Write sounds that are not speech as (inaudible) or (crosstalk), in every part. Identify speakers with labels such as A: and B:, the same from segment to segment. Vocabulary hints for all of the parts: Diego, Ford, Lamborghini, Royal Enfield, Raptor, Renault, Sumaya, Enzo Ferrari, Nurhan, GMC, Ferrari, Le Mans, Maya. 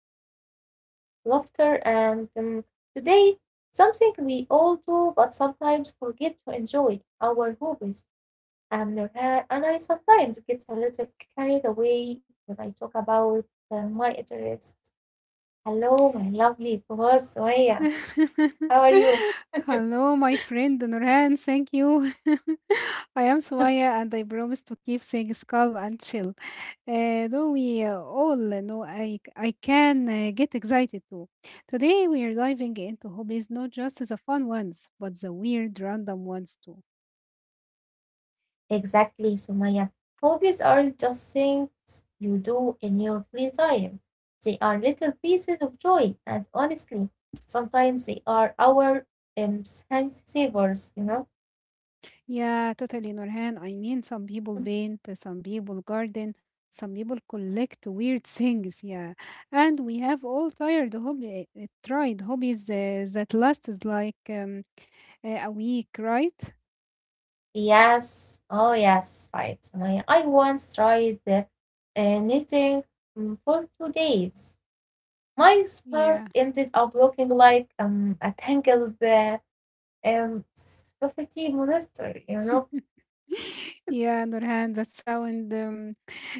A: about life, laughter, and today, something we all do but sometimes forget to enjoy our hobbies. I'm Nurhan, and I sometimes get a little carried away when I talk about my interests. Hello, my lovely boss, Maya. How are
B: (laughs)
A: you?
B: Hello, my friend Nurhan. Thank you. (laughs) I am Sumaya, and I promise to keep things calm and chill. Though we all know I can get excited too. Today we are diving into hobbies, not just the fun ones, but the weird, random ones too.
A: Exactly, Sumaya. Hobbies aren't just things you do in your free time. They are little pieces of joy, and honestly, sometimes they are our um, time savers, you know?
B: Yeah, totally, Nurhan. I mean, some people paint, some people garden, some people collect weird (laughs) things. Yeah, and we have all tired hobby, tried hobbies that lasts like a week, right?
A: Yes, oh yes, right, Sumaya. I once tried knitting for 2 days. My scarf
B: Yeah.
A: ended up looking like a tangled spaghetti monster, you know?
B: (laughs) Yeah, Nurhan, that sound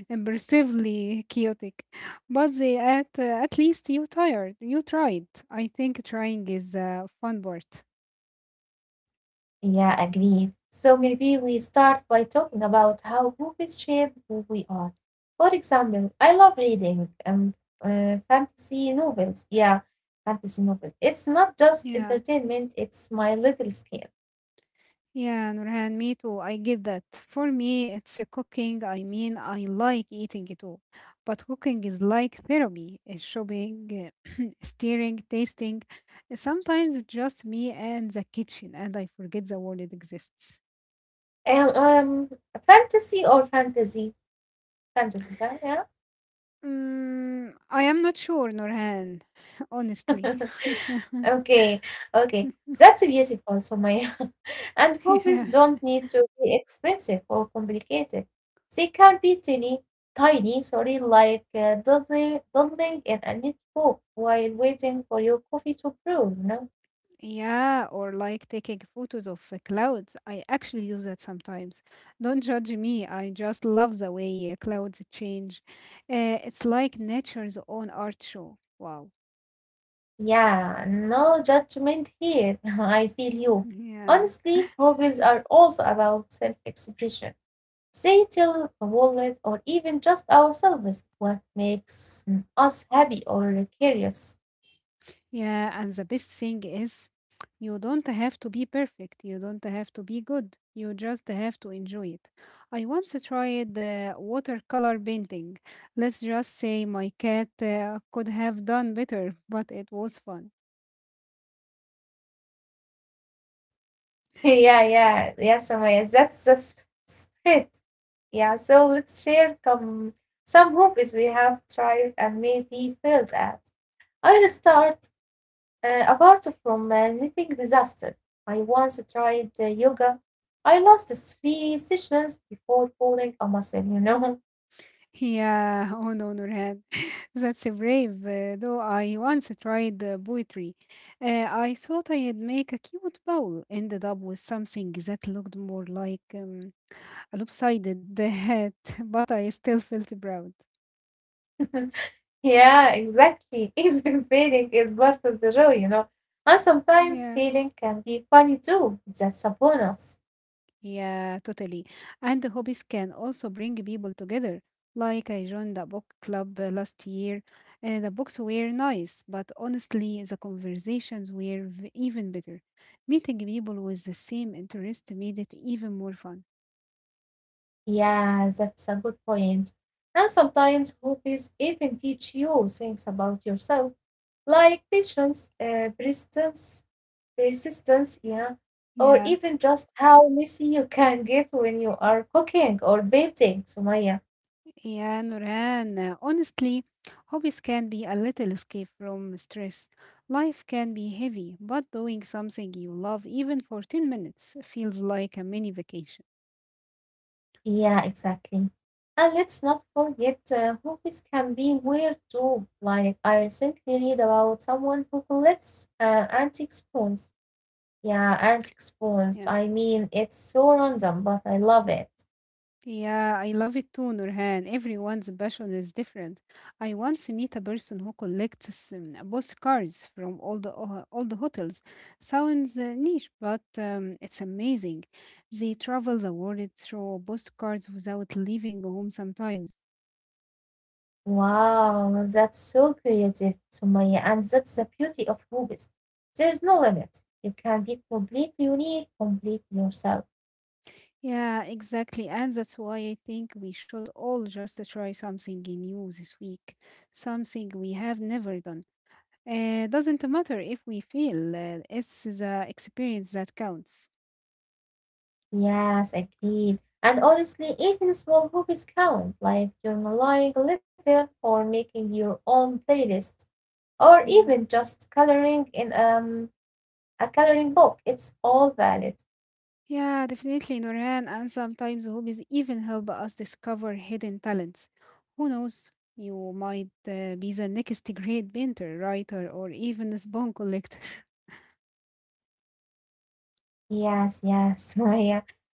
B: impressively chaotic, but they at least you tired. You tried. I think trying is a fun part.
A: Yeah, agree. So maybe we start by talking about how movies shape who we are. For example, I love reading fantasy novels. Yeah, fantasy novels. It's not just
B: Yeah.
A: entertainment, it's my little escape.
B: Yeah, Nurhan, me too. I get that. For me, it's a cooking. I mean, I like eating it too. But cooking is like therapy, shopping, (clears throat) steering, tasting. Sometimes it's just me and the kitchen, and I forget the world it exists.
A: Um, um, Fantasy or fantasy? Fantasy, huh?
B: Mm, I am not sure, Nurhan, (laughs)
A: Yeah?
B: honestly.
A: (laughs) Okay, okay. That's beautiful. So my (laughs) and
B: (laughs)
A: hobbies
B: Yeah.
A: don't need to be expensive or complicated. They can be tiny, sorry, like doodling in a notebook while waiting for your coffee to brew, you know?
B: Yeah, or like taking photos of clouds. I actually do that sometimes. Don't judge me. I just love the way clouds change. It's like nature's own art show. Wow.
A: Yeah, no judgment here. (laughs) I feel you.
B: Yeah.
A: Honestly, hobbies are also about self expression. They tell the world or even just ourselves what makes us happy or curious.
B: Yeah. And the best thing is, you don't have to be perfect. You don't have to be good. You just have to enjoy it. I once tried watercolor painting. Let's just say my cat could have done better, but it was fun.
A: (laughs) Yeah, yeah, yeah, Somaya, that's the spirit. Yeah, so let's share some hobbies we have tried and maybe failed at. I'll start apart from knitting disaster. I once tried yoga. I lost three sessions before pulling a muscle, you know.
B: Yeah, (laughs) oh no, Nurhan, (laughs) that's a brave. Though I once tried poetry, I thought I'd make a cute bowl. Ended up with something that looked more like a lopsided (laughs) hat, but I still felt proud.
A: (laughs) Yeah, exactly. (laughs) Even failing is part of the show, you know. And sometimes
B: Yeah.
A: failing can be funny too. That's a bonus.
B: Yeah, totally. And the hobbies can also bring people together. Like I joined a book club last year, and the books were nice, but honestly, the conversations were even better. Meeting people with the same interest made it even more fun.
A: Yeah, that's a good point. And sometimes hobbies even teach you things about yourself, like patience, persistence, yeah, or
B: Yeah,
A: even just how messy you can get when you are cooking or painting, Sumaya.
B: yeah, Nurhan, honestly, hobbies can be a little escape from stress. Life can be heavy, but doing something you love, even for 10 minutes, feels like a mini vacation.
A: Yeah, exactly. And let's not forget, hobbies can be weird too. Like I recently read about someone who collects antique spoons. Yeah, antique spoons.
B: Yeah.
A: I mean, it's so random, but I love it.
B: Yeah, I love it too, Nurhan. Everyone's passion is different. I once meet a person who collects postcards from all the hotels. Sounds niche, but it's amazing. They travel the world through postcards without leaving home sometimes.
A: Wow, that's so creative, Sumaya, and that's the beauty of movies. There's no limit. You can be completely unique, completely yourself.
B: Yeah, exactly. And that's why I think we should all just try something new this week, something we have never done. Doesn't matter if we fail, it's the experience that counts.
A: Yes, agreed. And honestly, even small movies count, like journaling a little or making your own playlist, or
B: Yeah.
A: even just coloring in a coloring book. It's all valid.
B: Yeah, definitely, Nurhan. And sometimes hobbies even help us discover hidden talents. Who knows? You might be the next great painter, writer, or even a spawn collector. (laughs)
A: Yes, yes, (laughs) Sumaya.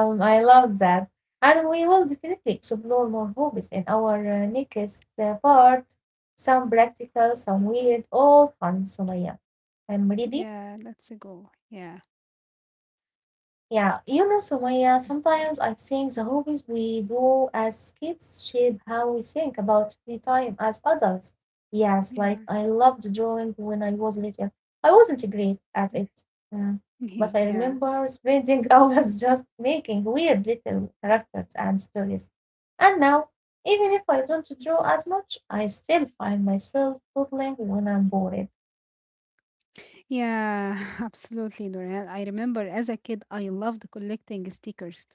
A: I love that. And we will definitely explore more hobbies in our next part. Some practical, some weird, all fun, Sumaya. I'm ready.
B: Yeah, that's a goal. Yeah.
A: Yeah, you know, Sumaya, sometimes I think the hobbies we do as kids shape how we think about free time as adults. Yes, like I
B: Yeah.
A: loved drawing when I was little. I wasn't great at
B: Mm.
A: it, mm, but I
B: (laughs) Yeah.
A: remember spending (laughs) hours just making weird little characters and stories. And now, even if I don't draw as much, I still find myself doodling when I'm bored.
B: Yeah, (laughs) absolutely, Nurhan. I remember as a kid, I loved collecting stickers.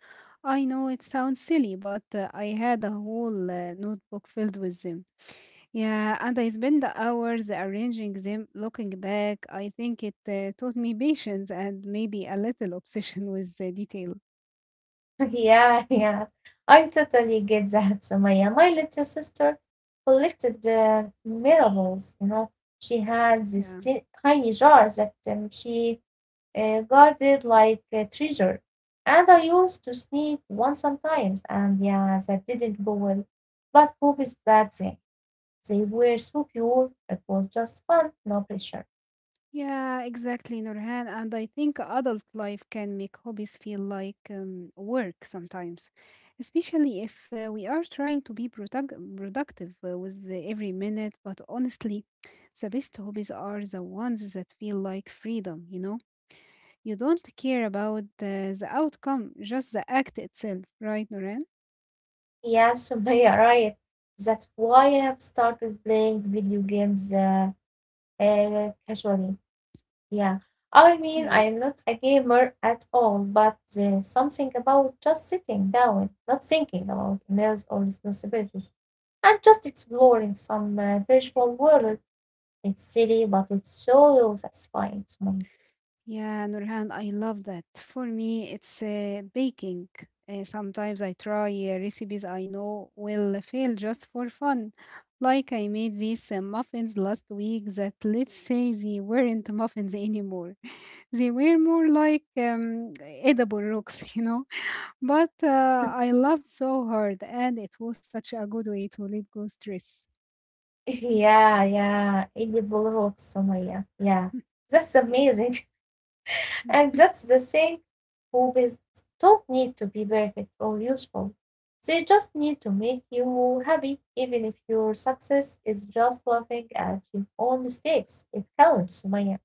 B: I know it sounds silly, but I had a whole notebook filled with them. Yeah, and I spent the hours arranging them. Looking back, I think it taught me patience and maybe a little obsession (laughs) with the detail.
A: (laughs) Yeah, yeah. I totally get that, Sumaya. My little sister collected miracles. You know, she had this
B: Yeah.
A: tiny jar that she guarded like a treasure, and I used to sneak one sometimes. And yeah, that didn't go well. But hope is back then. They were so pure. It was just fun, no pressure.
B: Yeah, exactly, Nurhan. And I think adult life can make hobbies feel like work sometimes, especially if we are trying to be productive with the every minute. But honestly, the best hobbies are the ones that feel like freedom, you know? You don't care about the outcome, just the act itself, right, Nurhan?
A: Yeah, Sumaya, (laughs) right. That's why I have started playing video games casually. Yeah, I mean,
B: Yeah.
A: I'm not a gamer at all, but there's something about just sitting down, not thinking about emails or responsibilities, and just exploring some visual world. It's silly, but it's so satisfying to me.
B: Yeah, Nurhan, I love that. For me, it's baking. Sometimes I try recipes I know will fail just for fun. Like I made these muffins last week that let's say they weren't muffins anymore. (laughs) They were more like edible rocks, you know. (laughs) But I loved so hard and it was such a good way to let go stress.
A: (laughs) Yeah, yeah, edible rocks, Somalia. Yeah, yeah,
B: (laughs)
A: that's amazing. And
B: Mm,
A: that's the thing, hobbies don't need to be perfect or useful. They just need to make you happy, even if your success is just laughing at your own mistakes. It counts, Sumaya.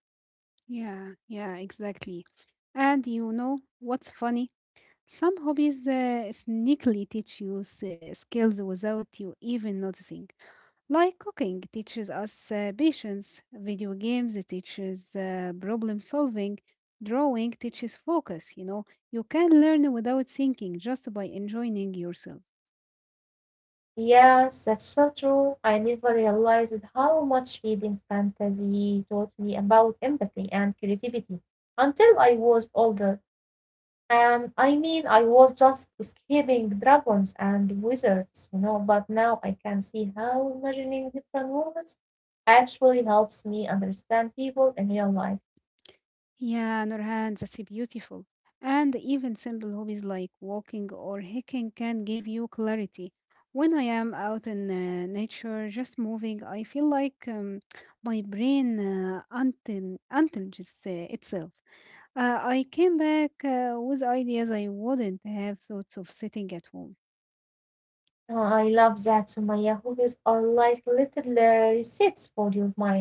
B: yeah, yeah, exactly. And you know what's funny? Some hobbies sneakily teach you skills without you even noticing. Like cooking teaches us patience, video games it teaches problem solving, drawing teaches focus, you know. You can learn without thinking just by enjoying yourself.
A: Yes, that's so true. I never realized how much reading fantasy taught me about empathy and creativity until I was older. I mean, I was just escaping dragons and wizards, you know, but now I can see how imagining different worlds actually helps me understand people in real life.
B: Yeah, Nurhan, that's beautiful. And even simple hobbies like walking or hiking can give you clarity. When I am out in nature, just moving, I feel like my brain until untelges itself. I came back with ideas I wouldn't have thought of sitting at home.
A: Oh, I love that, Sumaya. Hobbies are like little resets for your mind.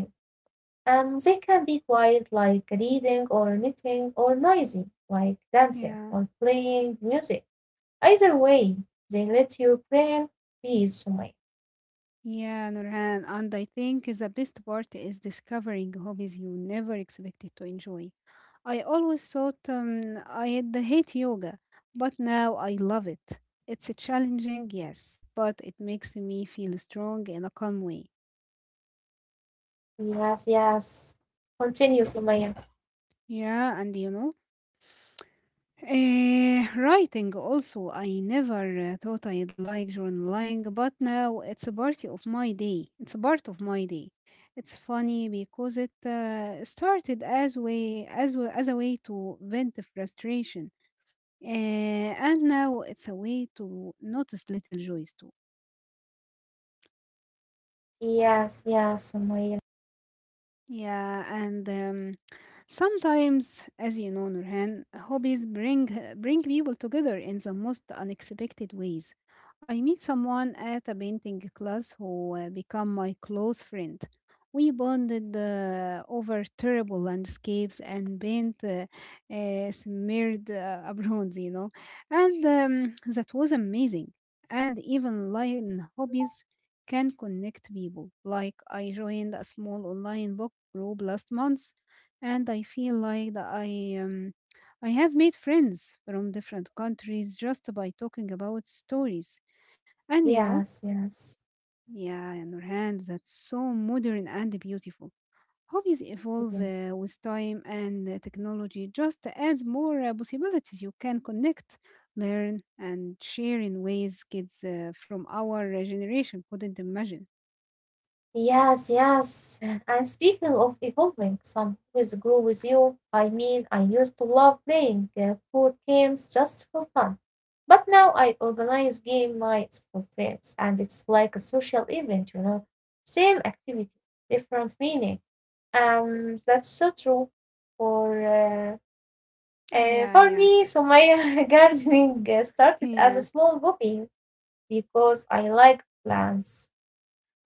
A: They can be quiet, like reading or knitting, or noisy, like dancing
B: Yeah,
A: or playing music. Either way, they let your brain be, Sumaya.
B: yeah, Nurhan. And I think the best part is discovering hobbies you never expected to enjoy. I always thought I'd hate yoga, but now I love it. It's challenging, yes, but it makes me feel strong in a calm way.
A: Yes, yes. Continue, Sumaya.
B: Yeah, and you know, writing also. I never thought I'd like journaling, but now it's a part of my day. It's a part of my day. It's funny because it started as as a way to vent frustration. And now it's a way to notice little joys too.
A: Yes, yes, Sumaya.
B: Yeah, and sometimes, as you know, Nurhan, hobbies bring people together in the most unexpected ways. I meet someone at a painting class who become my close friend. We bonded over terrible landscapes and paint smeared (laughs) abroad, you know, and that was amazing. And even line hobbies can connect people. Like, I joined a small online book group last month, and I feel like that I have made friends from different countries just by talking about stories. And you know,
A: Yes, yes.
B: yeah, Nurhan, that's so modern and beautiful. Hobbies evolve
A: Yeah.
B: with time, and technology just adds more possibilities. You can connect, learn, and share in ways kids from our generation couldn't imagine.
A: Yes, yes. And speaking of evolving, some hobbies grow with you. I mean, I used to love playing board games just for fun. But now I organize game nights for friends, and it's like a social event, you know. Same activity, different meaning. That's so true. For uh,
B: Oh, yeah,
A: for
B: yeah,
A: me, so my (laughs) gardening started as a
B: yeah,
A: small hobby, because I liked plants,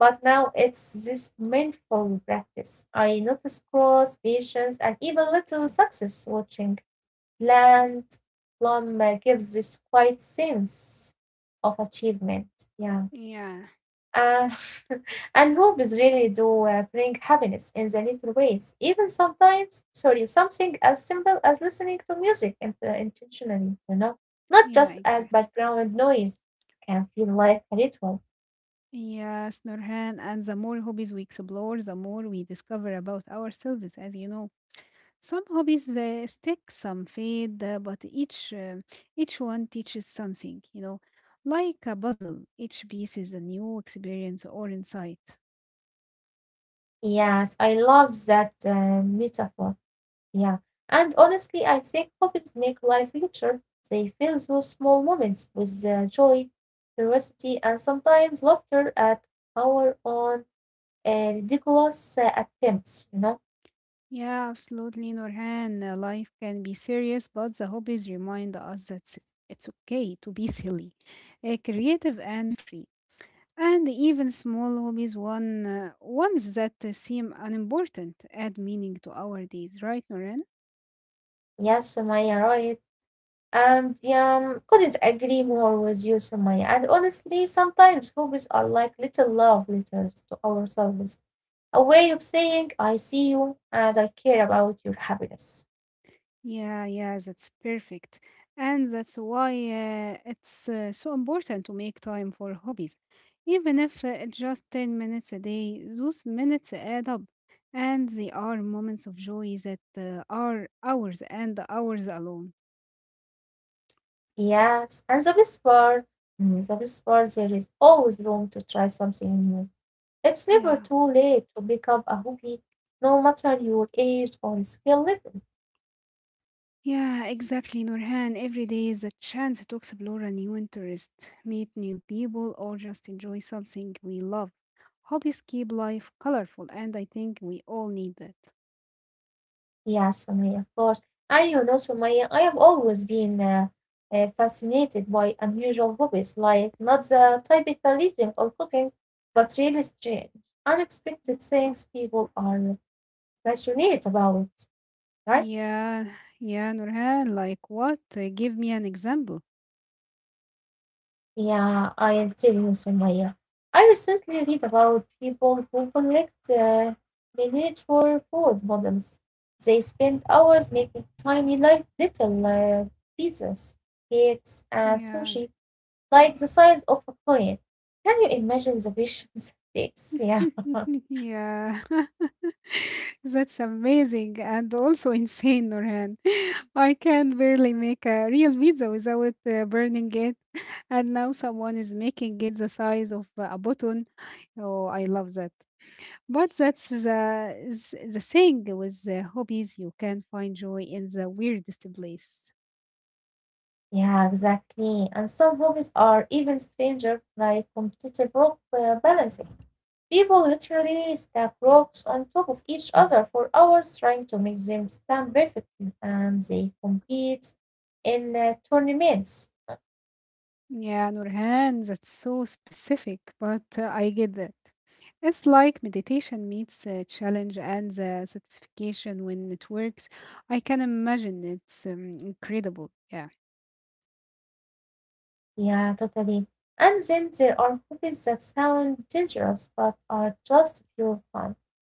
A: but now it's this mindful practice. I notice growth, patience, and even little success watching plant plum gives this quiet sense of achievement. Yeah.
B: yeah,
A: Uh, (laughs) and hobbies really do bring happiness in the little ways, even sometimes, sorry, something as simple as listening to music intentionally, you know, not
B: yeah,
A: just as
B: exactly.
A: background noise, can feel like a ritual.
B: Yes, Nurhan, and the more hobbies we explore, the more we discover about ourselves. As you know, some hobbies stick, some fade, but each each one teaches something. You know, like a puzzle, each piece is a new experience or insight.
A: Yes, I love that metaphor. Yeah. And honestly, I think hobbies make life richer. They fill those small moments with joy, curiosity, and sometimes laughter at our own ridiculous attempts, you know?
B: Yeah, absolutely, Nurhan. Life can be serious, but the hobbies remind us that it's okay to be silly, creative, and free. And even small hobbies, ones that seem unimportant, add meaning to our days, right, Nurhan?
A: Yes, Sumaya, right. And yeah, couldn't agree more with you, Sumaya. And honestly, sometimes hobbies are like little love letters to ourselves, a way of saying, I see you and I care about your happiness.
B: Yeah, yeah, that's perfect. And that's why it's so important to make time for hobbies. Even if it's just 10 minutes a day, those minutes add up. And they are moments of joy that are hours and hours alone.
A: Yes, and the best part, the best part, there is always room to try something new. It's
B: Yeah.
A: never too late to pick up a hobby, no matter your age or skill level.
B: Yeah, exactly, Nurhan. Every day is a chance to explore a new interest, meet new people, or just enjoy something we love. Hobbies keep life colorful, and I think we all need that.
A: Yes, Sumaya, of course. And you know, Sumaya, I have always been fascinated by unusual hobbies, like not the typical reading or cooking, but really strange, unexpected things people are passionate about, right?
B: Yeah, yeah, Nurhan, like what? Give me an example.
A: Yeah, I'll tell you, Sumaya. I recently read about people who collect miniature food models. They spend hours making tiny, like little pizzas, cakes, and
B: Yeah.
A: sushi, like the size of a coin. Can you imagine the visions (laughs) it takes? Yeah, (laughs)
B: (laughs) Yeah. (laughs) That's amazing and also insane, Nurhan. (laughs) I can barely make a real pizza without burning it. (laughs) And now someone is making it the size of a button. Oh, I love that. But that's the, is the thing with the hobbies. You can find joy in the weirdest place.
A: yeah, exactly. And some hobbies are even stranger, like competitive rock balancing. People literally stack rocks on top of each other for hours trying to make them stand perfectly, and they compete in tournaments.
B: Yeah, Nurhan, that's so specific, but I get that. It's like meditation meets a challenge and the satisfaction when it works. I can imagine it's incredible. Yeah,
A: Yeah, totally. And then there are hobbies that sound dangerous but are just pure fun,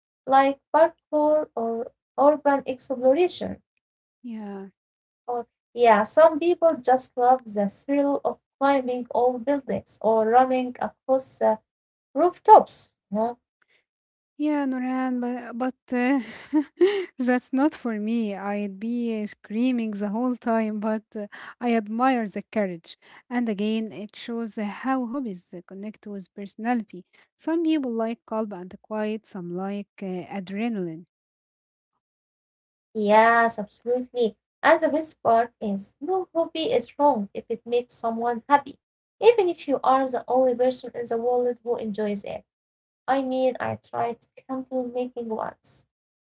A: like parkour or urban exploration.
B: yeah.
A: Or, yeah, some people just love the thrill of climbing old buildings or running across rooftops. You
B: Yeah, Nurhan, but (laughs) that's not for me. I'd be screaming the whole time, but I admire the courage. And again, it shows how hobbies connect with personality. Some people like calm and quiet, some like adrenaline.
A: yes, absolutely. And the best part is no hobby is wrong if it makes someone happy, even if you are the only person in the world who enjoys it. I mean, I tried candle making once.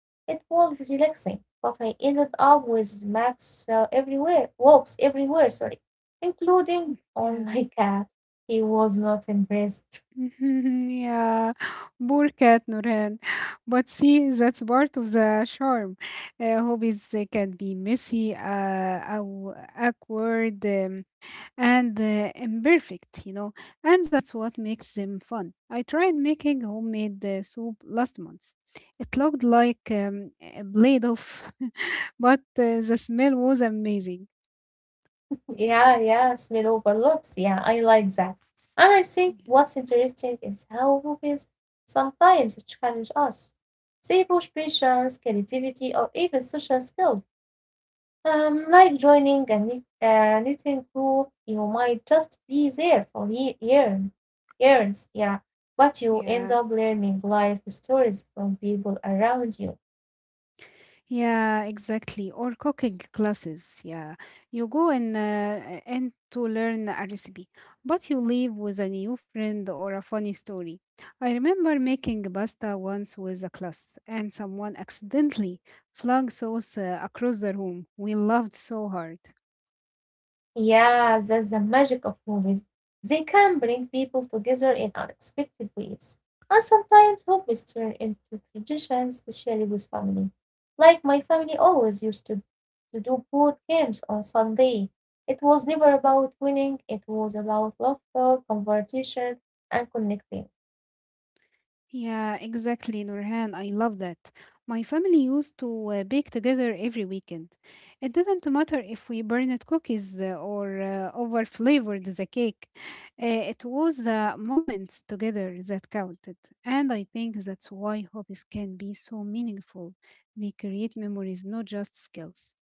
A: It was relaxing, but I ended up with marks everywhere, walks everywhere, sorry, including on
B: Yeah.
A: my cat. He was not impressed.
B: (laughs) Yeah, poor cat Nurhan. But see, that's part of the charm. Hobbies can be messy, awkward. And imperfect, you know, and that's what makes them fun. I tried making homemade soup last month. It looked like a blade of, (laughs) but the smell was amazing.
A: Yeah, yeah, smell overlaps. Yeah, I like that. And I think what's interesting is how movies sometimes challenge us. They push patience, creativity, or even social skills. Like joining a knit, a knitting crew, you might just be there for years, yeah, but you
B: Yeah,
A: end up learning life stories from people around you.
B: yeah, exactly. Or cooking classes. Yeah, you go and to learn a recipe, but you leave with a new friend or a funny story. I remember making pasta once with a class, and someone accidentally flung sauce across the room. We laughed so hard.
A: Yeah, that's the magic of movies. They can bring people together in unexpected ways. And sometimes hobbies turn into traditions, especially with family. Like my family always used to do board games on Sunday. It was never about winning, it was about laughter, conversation, and connecting.
B: Yeah, exactly, Nurhan. I love that. My family used to bake together every weekend. It didn't matter if we burned cookies or over flavored the cake. It was the moments together that counted. And I think that's why hobbies can be so meaningful. They create memories, not just skills.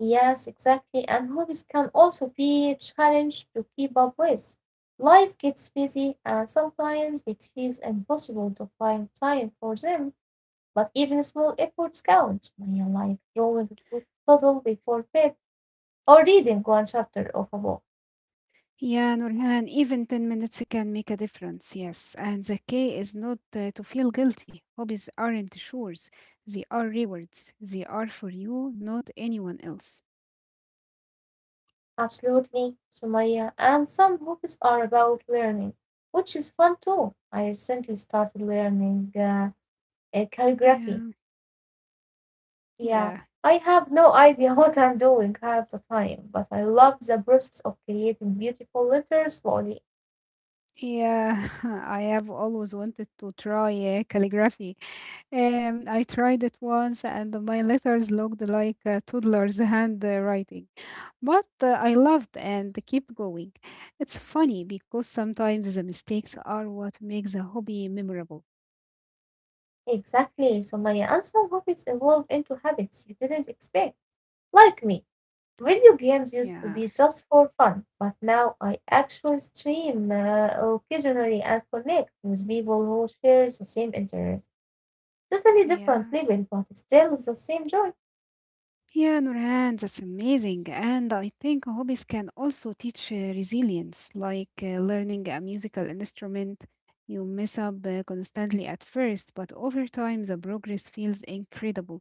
A: Yes, exactly. And hobbies can also be a challenge to keep up with. Life gets busy, and sometimes it feels impossible to find time for them. But even small efforts count, Maya, like drawing a quick puddle before bed or reading one chapter of a book.
B: Yeah, Nurhan, even 10 minutes can make a difference, yes. And the key is not to feel guilty. Hobbies aren't chores, they are rewards. They are for you, not anyone else.
A: Absolutely, Sumaya. And some books are about learning, which is fun too. I recently started learning calligraphy.
B: Yeah,
A: Yeah,
B: yeah,
A: I have no (laughs) idea what I'm doing half the time, but I love the process of creating beautiful letters slowly.
B: yeah. (laughs) I have always wanted to try calligraphy. I tried it once, and my letters looked like a toddler's (laughs) handwriting. But I loved and kept going. It's funny because sometimes the mistakes are what makes a hobby memorable.
A: Exactly, Sumaya. And some hobbies evolve into habits you didn't expect, like me. Video games used to
B: Yeah,
A: be just for fun, but now I actually stream occasionally and connect with people who share the same interest. Totally different
B: yeah.
A: level, but still the same joy.
B: Yeah, Nurhan, that's amazing. And I think hobbies can also teach resilience, like learning a musical instrument. You mess up constantly at first, but over time the progress feels incredible.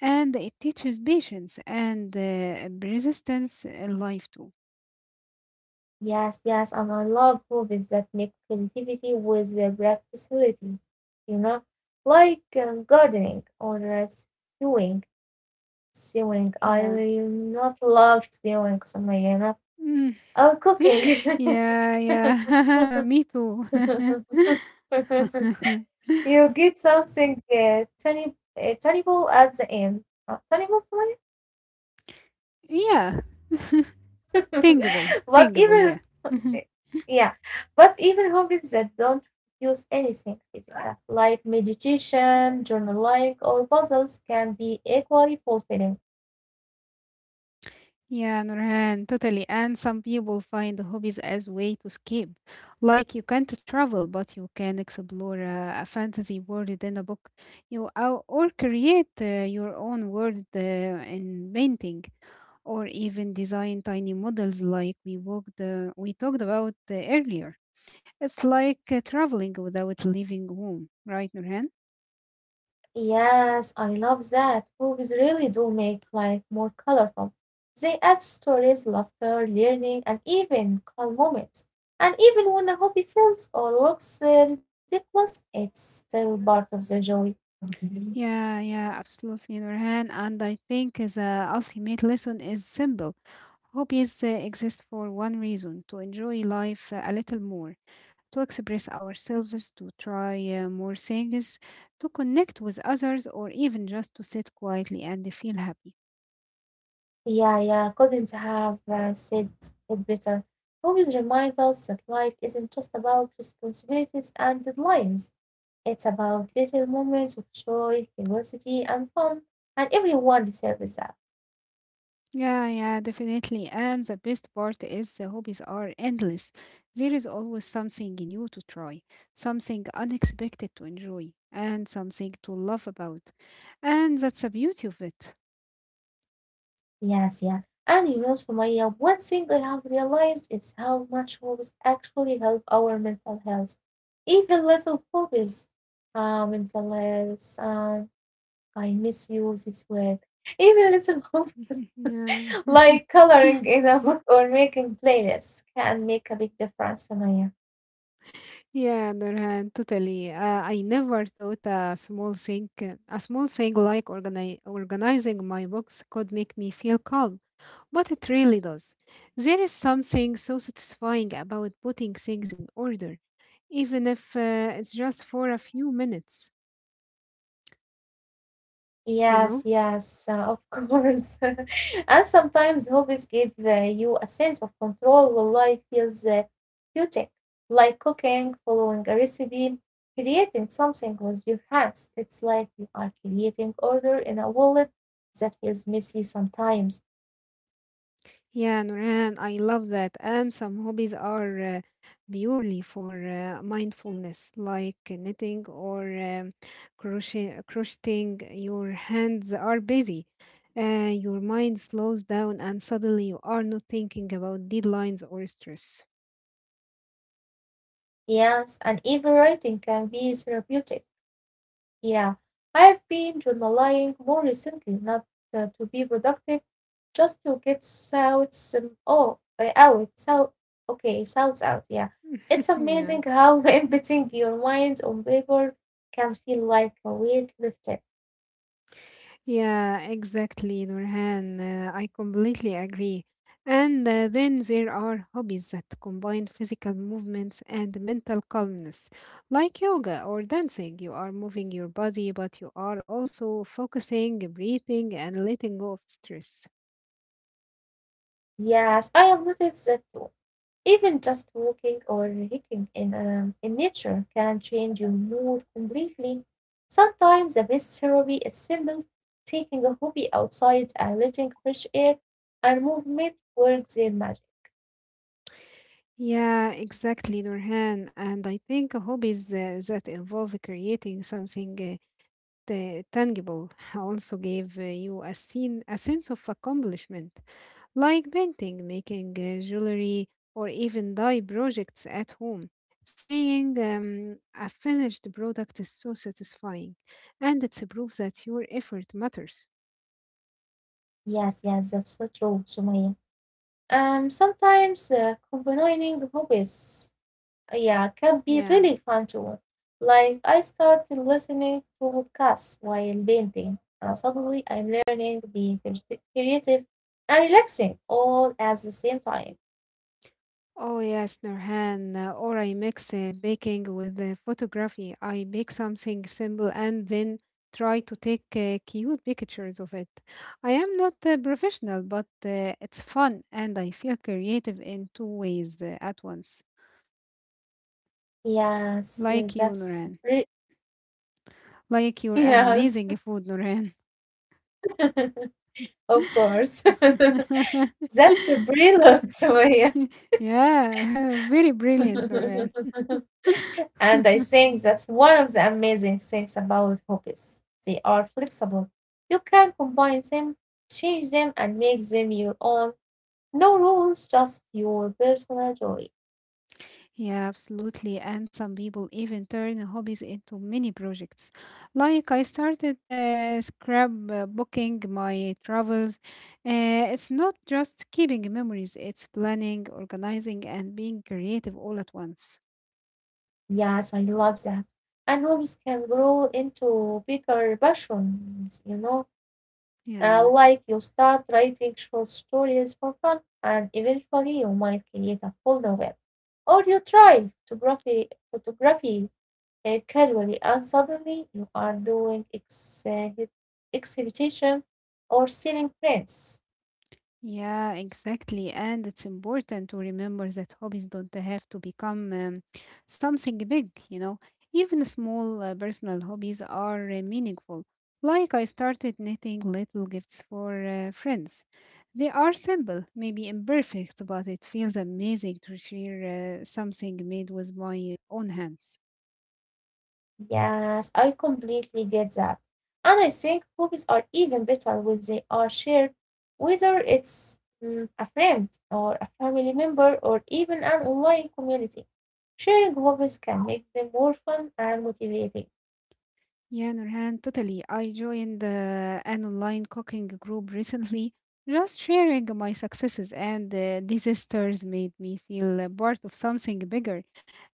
B: And it teaches patience and resistance in life too.
A: Yes, yes, and I love movies that make creativity with practicality, you know, like gardening or sewing. Sewing, I
B: Yeah.
A: really not love sewing, so you know,
B: Mm.
A: or
B: (laughs)
A: cooking.
B: Yeah, yeah. (laughs) Me too.
A: (laughs)
B: (laughs)
A: You get something tangible at the end. Tangible, sorry.
B: Yeah. (laughs) Thinkable,
A: (laughs) But
B: thinkable, yeah.
A: even,
B: (laughs) Mhm.
A: eh, yeah, but even hobbies that don't use anything physical, like meditation, journaling, or puzzles, can be equally fulfilling.
B: Yeah, Nurhan, totally. And some people find hobbies as way to escape. Like you can't travel, but you can explore a fantasy world in a book. You or create your own world in painting, or even design tiny models like we talked about earlier. It's like traveling without leaving home, right, Nurhan?
A: Yes, I love that. Movies really do make life more colorful. They add stories, laughter, learning, and even calm moments. And even when a hobby fails or looks ridiculous, it's still part of the joy. Mhm.
B: Yeah, yeah, absolutely, Nurhan. And I think the ultimate lesson is simple. Hobbies exist for one reason to enjoy life a little more, to express ourselves, to try more things, to connect with others, or even just to sit quietly and feel happy.
A: Yeah, yeah, couldn't have said it better. Movies remind us that life isn't just about responsibilities and deadlines. It's about little moments of joy, curiosity, and fun, and everyone deserves that.
B: Yeah, yeah, definitely. And the best part is the hobbies are endless. There is always something new to try, something unexpected to enjoy, and something to love about. And that's the beauty of it.
A: Yes, yeah. And you know, Sumaya, one thing I have realized is how much hobbies actually help our mental health. Even little hobbies, mental health, I miss you this word. Even little (laughs) hobbies
B: (laughs) Yeah, (laughs)
A: like coloring in a book or making playlists can make a big difference, Sumaya.
B: yeah, Nurhan, totally. I never thought a small thing like organizing my books could make me feel calm, but it really does. There is something so satisfying about putting things in order even if it's just for a few minutes, you
A: Yes,
B: know?
A: yes, of course. (laughs) And sometimes hobbies give you a sense of control while life feels chaotic, like cooking, following a recipe, creating something with your hands. It's like you are creating order in a wallet that feels messy sometimes.
B: Yeah, Nurhan, I love that. And some hobbies are purely for mindfulness, like knitting or crocheting. Your hands are busy. Your mind slows down, and suddenly you are not thinking about deadlines or stress.
A: Yes, and even writing can be therapeutic. Yeah, I've been journaling more recently, not to be productive. Just to get South out South, okay, South out, yeah. It's
B: (laughs) Yeah.
A: amazing how (laughs) embedding your mind on paper can feel like a weight lifted.
B: Yeah, exactly, Nurhan. I completely agree. And then there are hobbies that combine physical movements and mental calmness, like yoga or dancing. You are moving your body, but you are also focusing, breathing, and letting go of stress.
A: Yes, I have noticed that too. Even just walking or hiking in nature can change your mood completely. Sometimes the best therapy is simple, taking a hobby outside and letting fresh air and movement work their magic.
B: Yeah, exactly, Nurhan. And I think hobbies that involve creating something tangible (laughs) also gave you a sense of accomplishment, like painting, making jewelry, or even dye projects at home. Saying a finished product is so satisfying, and it's a proof that your effort matters.
A: Yes, yes, that's so true, Sumaya. Sometimes combining hobbies, yeah, can be
B: Yeah.
A: really fun too. Like I started listening to podcasts while painting, and suddenly I'm learning, being creative, and relaxing all at the same time.
B: Oh yes, Nurhan. Or I mix baking with photography. I bake something simple and then try to take cute pictures of it. I am not professional, but it's fun and I feel creative in two ways at once.
A: Yes,
B: Like you, Nurhan. Like
A: (laughs)
B: your
A: yes,
B: amazing food, Nurhan.
A: (laughs) of course. (laughs) That's a
B: (laughs)
A: brilliant way.
B: Yeah, (laughs) very brilliant, Nurhan.
A: (laughs) And I
B: (laughs)
A: think that's one of the amazing things about hobbies. They are flexible. You can combine them, change them, and make them your own. No rules, just your personal joy.
B: Yeah, absolutely. And some people even turn hobbies into mini projects. Like I started scrapbooking my travels. It's not just keeping memories, it's planning, organizing, and being creative all at once.
A: Yes, I love that. And hobbies can grow into bigger passions, you know.
B: Yeah.
A: Like you start writing short stories for fun, and eventually you might create a full novel. Or you try photography casually, and suddenly you are doing exhibition or selling prints.
B: Yeah, exactly. And it's important to remember that hobbies don't have to become something big, you know. Even small personal hobbies are meaningful. Like I started knitting little gifts for friends. They are simple, maybe imperfect, but it feels amazing to share something made with my own hands.
A: Yes, I completely get that. And I think hobbies are even better when they are shared, whether it's a friend or a family member or even an online community. Sharing hobbies can make them more fun and motivating.
B: Yeah, no, Nurhan, totally. I joined an online cooking group recently. Just sharing my successes and disasters made me feel a part of something bigger,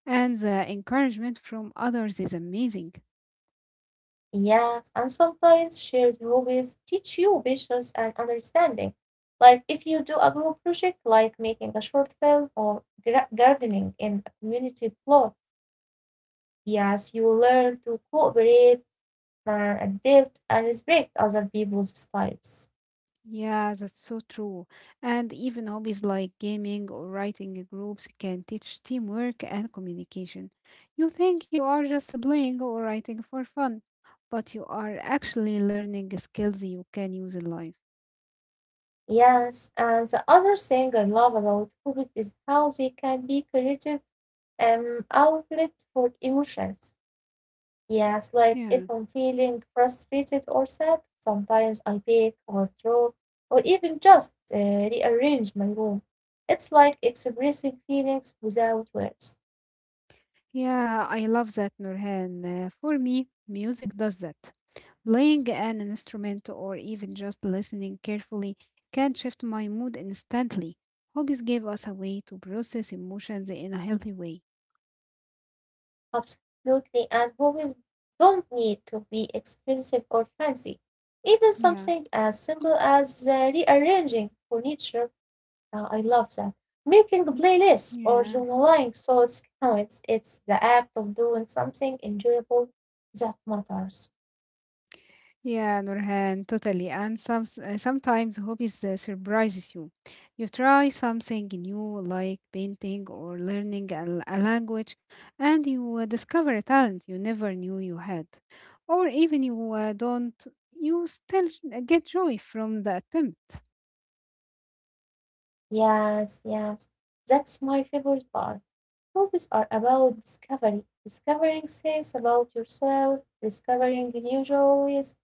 B: and the encouragement from others is amazing.
A: Yes, and sometimes shared hobbies teach you patience and understanding. Like if you do a group project like making a short film or gardening in a community plot, yes, you will learn to cooperate and adapt and respect other people's styles.
B: Yeah, that's so true. And even hobbies like gaming or writing groups can teach teamwork and communication. You think you are just playing or writing for fun, but you are actually learning skills you can use in life.
A: Yes, and the other thing I love about hobbies is how they can be creative outlet for emotions. Yes, like if
B: Yeah.
A: I'm feeling frustrated or sad, sometimes I bake or draw or even just rearrange my room. It's like expressing feelings without words.
B: Yeah, I love that, Nurhan. For me, music does that. Playing an instrument or even just listening carefully can shift my mood instantly. Hobbies give us a way to process emotions in a healthy way.
A: Absolutely, and hobbies don't need to be expensive or fancy. Even something
B: Yeah,
A: as simple as rearranging furniture, I love that. Making playlists or
B: yeah.
A: journaling thoughts counts. It's the act of doing something enjoyable that matters.
B: Yeah, Nurhan, totally. And sometimes hobbies surprises you. You try something new, like painting or learning a language, and you discover a talent you never knew you had. Or even you don't, you still get joy from the attempt.
A: Yes, yes, that's my favorite part. Movies are about discovery, discovering things about yourself, discovering new joys,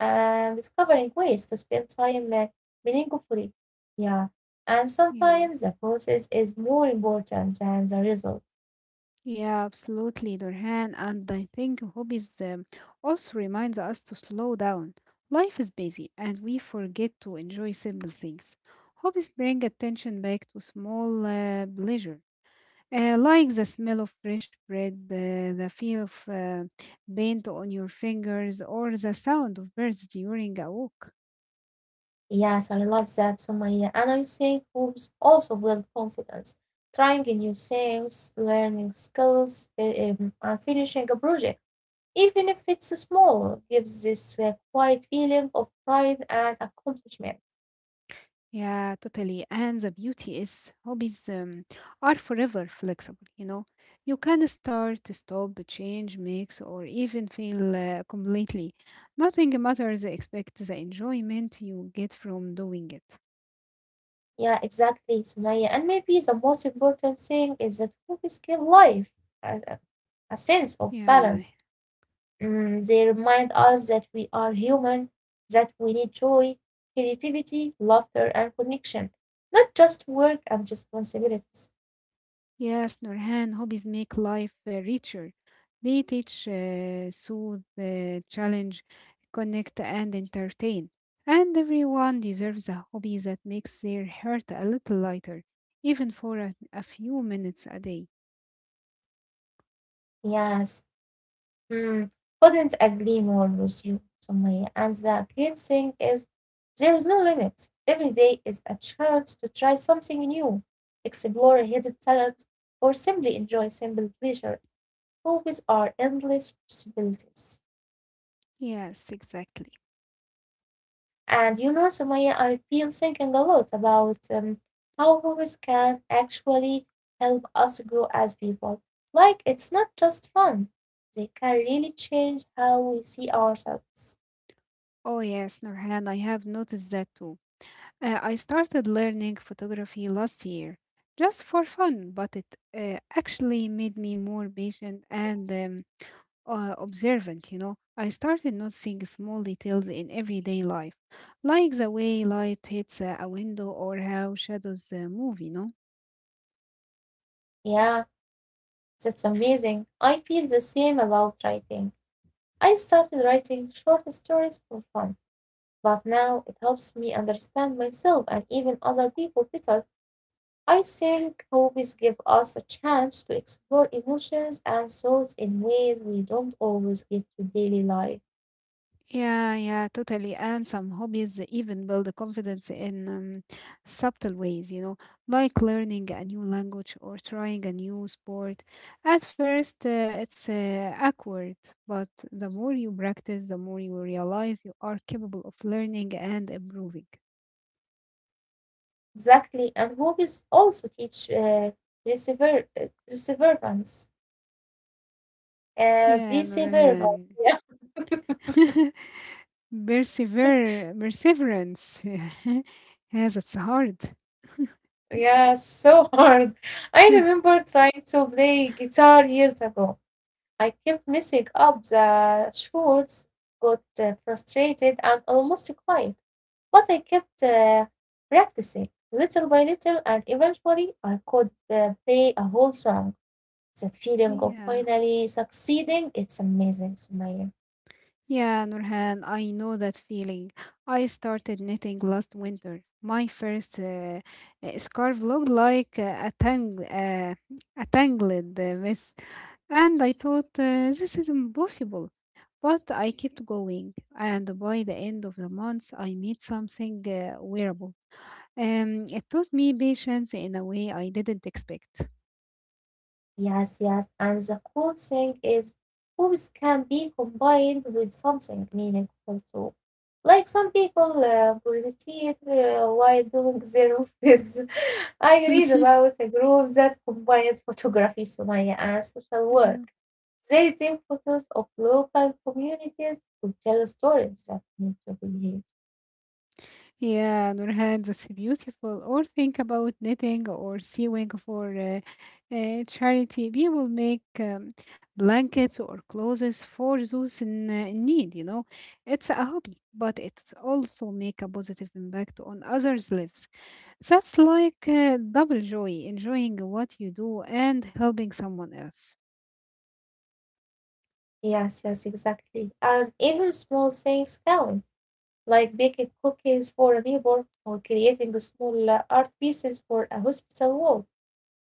A: and discovering ways to spend time meaningfully. Yeah, and
B: Yeah.
A: sometimes the process is more important than the result.
B: Yeah, absolutely, Nurhan. And I think hobbies also reminds us to slow down. Life is busy and we forget to enjoy simple things. Hobbies bring attention back to small pleasure, like the smell of fresh bread, the feel of paint on your fingers, or the sound of birds during a walk.
A: Yes, I love that, Sumaya. And I think movies also build confidence, trying new things, learning skills, and finishing a project, even if it's small, gives this quiet feeling of pride and accomplishment.
B: Yeah, totally. And the beauty is hobbies are forever flexible, you know. You can start, stop, change, mix, or even fail completely. Nothing matters except the enjoyment you get from doing it.
A: Yeah, exactly, Sumaya. And maybe the most important thing is that hobbies give life a, a- a sense of
B: Yeah.
A: balance. Mm, they remind us that we are human, that we need joy, creativity, laughter, and connection, not just work and responsibilities.
B: Yes, Nurhan, hobbies make life richer. They teach, soothe, challenge, connect, and entertain. And everyone deserves a hobby that makes their heart a little lighter, even for a few minutes a day.
A: Yes. Mm, couldn't agree more with you, Sumaya. And the great thing is, there is no limit. Every day is a chance to try something new, explore a hidden talent, or simply enjoy simple pleasure. Hobbies are endless possibilities.
B: Yes, exactly.
A: And you know, Sumaya, I've been thinking a lot about how hobbies can actually help us grow as people. Like, it's not just fun, they can really change how we see ourselves.
B: Oh, yes, Nurhan, I have noticed that too. I started learning photography last year just for fun, but it actually made me more patient and observant, you know, I started noticing small details in everyday life, like the way light hits a window or how shadows move, you know.
A: Yeah. That's amazing. I feel the same about writing. I started writing short stories for fun, but now it helps me understand myself and even other people better. I think hobbies give us a chance to explore emotions and thoughts in ways we don't always get to daily life.
B: Yeah, yeah, totally. And some hobbies even build confidence in subtle ways, you know, like learning a new language or trying a new sport. At first, it's awkward, but the more you practice, the more you realize you are capable of learning and improving.
A: Exactly, and hobbies also teach perseverance.
B: Yeah,
A: Perseverance,
B: Nurhan.
A: (laughs) yeah.
B: (laughs) Perseverance. (laughs) Yes, it's hard. (laughs)
A: Yeah, so (laughs) hard. I remember trying to play guitar years ago. I kept messing up the chords, got frustrated and almost cried. But I kept practicing little by little, and eventually I could play a whole song. That feeling of
B: Yeah.
A: finally succeeding, it's amazing, Sumaya.
B: Yeah, Nurhan, I know that feeling. I started knitting last winter. My first scarf looked like a tangled mess, and I thought this is impossible. But I kept going, and by the end of the month, I made something wearable. It taught me patience in a way I didn't expect.
A: Yes, yes. And the cool thing is, hobbies can be combined with something meaningful too. Like some people meditate while doing their office. (laughs) I read
B: (laughs)
A: about a group that combines photography, Sumaya, and social work.
B: Yeah.
A: They take photos of local communities to tell stories that need to be heard.
B: Yeah, Nurhan, that's beautiful. Or think about knitting or sewing for charity. People make blankets or clothes for those in need, you know. It's a hobby, but it also make a positive impact on others' lives. That's like double joy, enjoying what you do and helping someone else.
A: Yes, yes, exactly. And even small things count, like baking cookies for a neighbor or creating small art pieces for a hospital wall.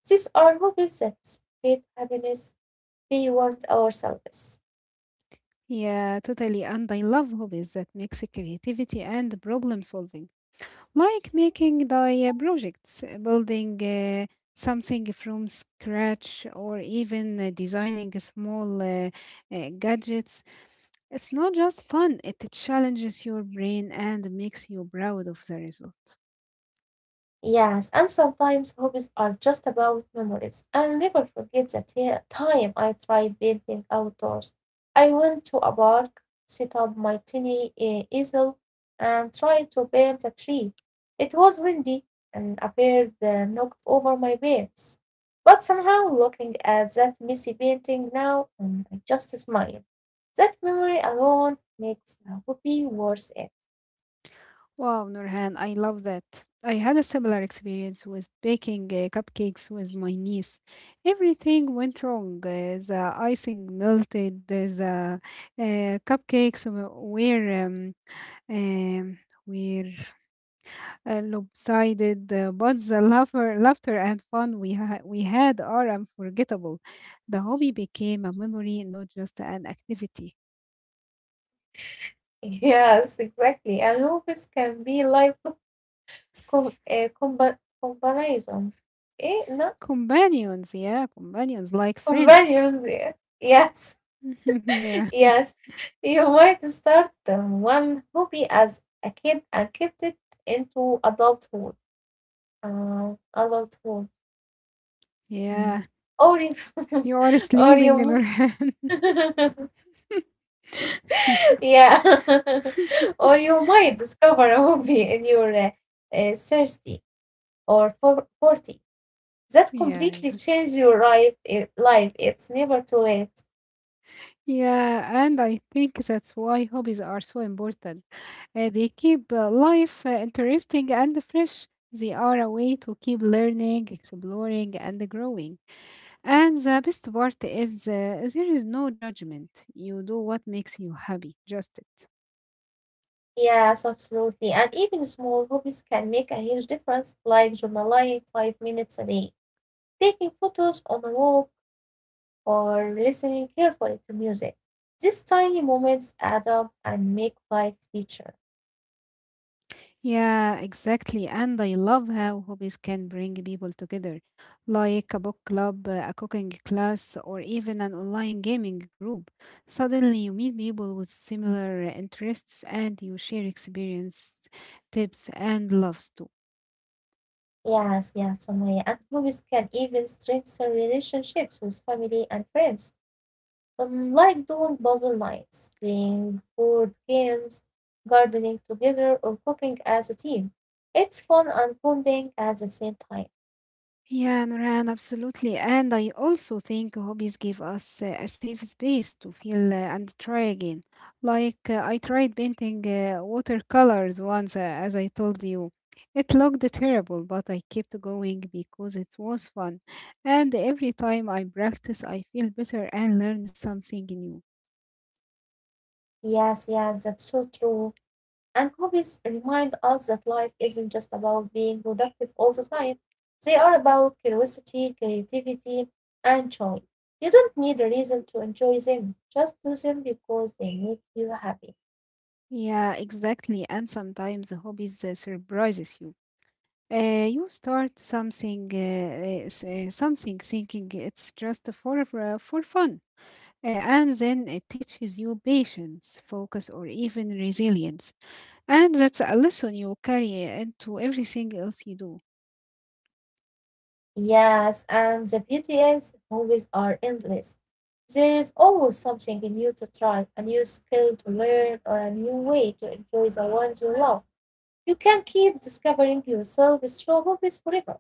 A: These are hobbies that spread happiness beyond ourselves.
B: Yeah, totally. And I love hobbies that mix creativity and problem solving. Like making the projects, building something from scratch, or even designing small gadgets. It's not just fun, it challenges your brain and makes you proud of the result.
A: Yes, and sometimes hobbies are just about memories. I'll never forget the time I tried painting outdoors. I went to a park, set up my tiny easel, and tried to paint a tree. It was windy, and a bird knocked over my paints. But somehow, looking at that messy painting now, I just smile. That memory alone makes a hobby worth it. (laughs)
B: Wow, Nurhan, I love that. I had a similar experience with baking cupcakes with my niece. Everything went wrong. The icing melted, the cupcakes w- um, were lopsided, but the laughter and fun we had are unforgettable. The hobby became a memory, not just an activity.
A: Yes, exactly. And hobbies can be lifelong. Comparison. Eh, no,
B: Companions, yeah, companions like friends.
A: companion, yeah. Yes,
B: (laughs)
A: (laughs)
B: Yeah.
A: yes. You might (laughs) start one hobby as a kid and kept it into adulthood. Adulthood. Mm.
B: Yeah,
A: Or if,
B: you are
A: (laughs) or
B: sleeping,
A: you,
B: Nurhan.
A: mi- (laughs)
B: (laughs)
A: yeah, (laughs) or you might discover a hobby in your 30 or for 40 that
B: Yeah, yeah,
A: completely change your life. Life. It's never too late.
B: yeah, and I think that's why hobbies are so important. They keep life interesting and fresh. They are a way to keep learning, exploring, and growing. And the best part is there is no judgment. You do what makes you happy, just it.
A: Yes, absolutely. And even small hobbies can make a huge difference, like journaling 5 minutes a day, taking photos on a walk, or listening carefully to music. These tiny moments add up and make life richer.
B: Yeah, exactly. And I love how hobbies can bring people together, like a book club, a cooking class, or even an online gaming group. Suddenly, you meet people with similar interests and you share experience, tips, and loves too.
A: Yes, yes, Sumaya. And hobbies can even strengthen relationships with family and friends, like doing puzzle nights, playing board games, gardening together, or cooking as a team. It's fun and bonding at the same time.
B: Yeah, Nurhan, absolutely. And I also think hobbies give us a safe space to feel and try again. Like I tried painting watercolors once, as I told you. It looked terrible, but I kept going because it was fun. And every time I practice, I feel better and learn something new.
A: Yes, yes, that's so true. And hobbies remind us that life isn't just about being productive all the time. They are about curiosity, creativity, and joy. You don't need a reason to enjoy them. Just do them because they make you happy.
B: Yeah, exactly. And sometimes hobbies surprises you. Uh, you start something, uh, Something thinking it's just for fun, and then it teaches you patience, focus, or even resilience, and that's a lesson you carry into everything else you do.
A: Yes, and the beauty is hobbies are endless. There is always something new to try, a new skill to learn, or a new way to enjoy the ones you love. You can keep discovering yourself through hobbies forever.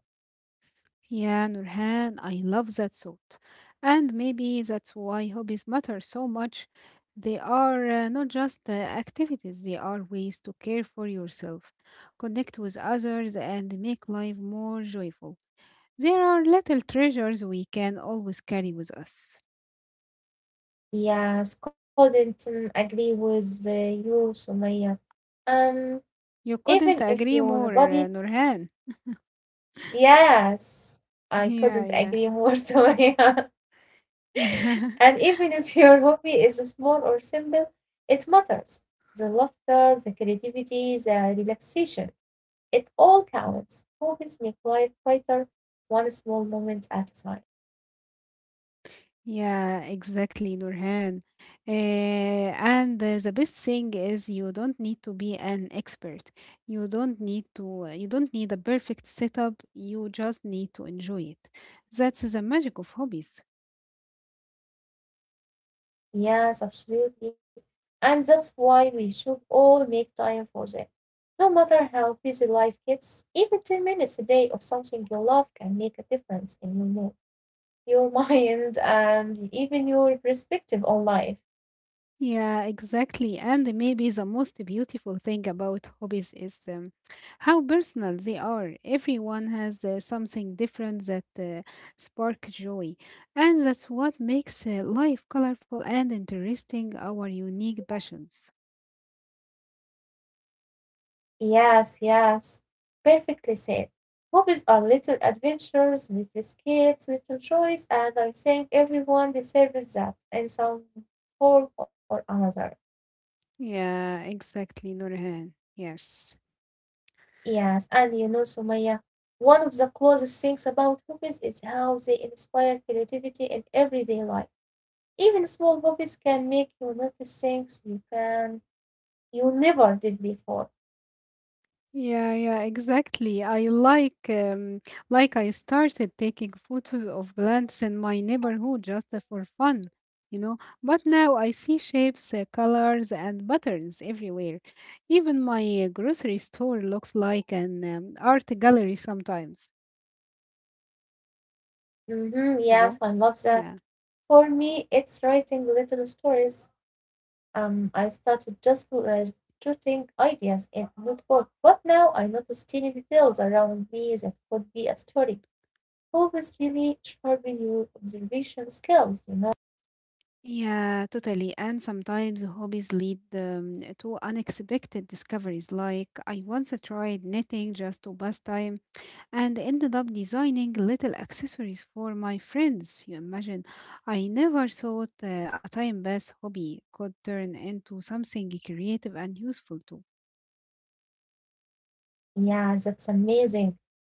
B: Yeah, Nurhan, I love that thought, and maybe that's why hobbies matter so much. They are not just activities; they are ways to care for yourself, connect with others, and make life more joyful. There are little treasures we can always carry with us.
A: Yes, couldn't agree with you, Sumaya. Um,
B: You
A: Even
B: couldn't
A: if
B: agree
A: your
B: more,
A: body,
B: Nurhan.
A: yes, I
B: Yeah,
A: couldn't
B: yeah,
A: agree more, (laughs) Sumaya.
B: (laughs) yeah,
A: And even if your hobby is small or simple, it matters. The laughter, the creativity, the relaxation, it all counts. Hobbies make life brighter, one small moment at a time.
B: yeah, exactly, Nurhan. And The best thing is you don't need to be an expert. You don't need to. You don't need a perfect setup. You just need to enjoy it. That's the magic of hobbies.
A: Yes, absolutely. And that's why we should all make time for them. No matter how busy life gets, even 10 minutes a day of something you love can make a difference in your mood, your (laughs) mind, and even your perspective on life.
B: Yeah, exactly. And maybe the most beautiful thing about hobbies is how personal they are. Everyone has something different that spark joy. And that's what makes life colorful and interesting, our unique passions.
A: Yes, yes. Perfectly said. Hobbies are little adventures, little escapes, little joys, and I think everyone deserves that in some form or another.
B: Yeah, exactly, Nurhan. Yes.
A: Yes, and you know, Sumaya, one of the closest things about hobbies is how they inspire creativity in everyday life. Even small hobbies can make you notice things you can you never did before.
B: Yeah, yeah, exactly. I like I started taking photos of plants in my neighborhood just for fun, you know. But now I see shapes, colors, and patterns everywhere. Even my grocery store looks like an art gallery sometimes,
A: Hmm,
B: you
A: yes,
B: know.
A: I love that.
B: Yeah.
A: For me, it's writing little stories. I started just jotting ideas in a notebook, but now I notice tiny details around me that could be a story. Hobbies really sharpen your observation skills, you know.
B: Yeah, totally. And sometimes hobbies lead to unexpected discoveries. Like I once tried knitting just to pass time and ended up designing little accessories for my friends. You imagine, I never thought a time pass hobby could turn into something creative and useful too.
A: Yeah, that's amazing.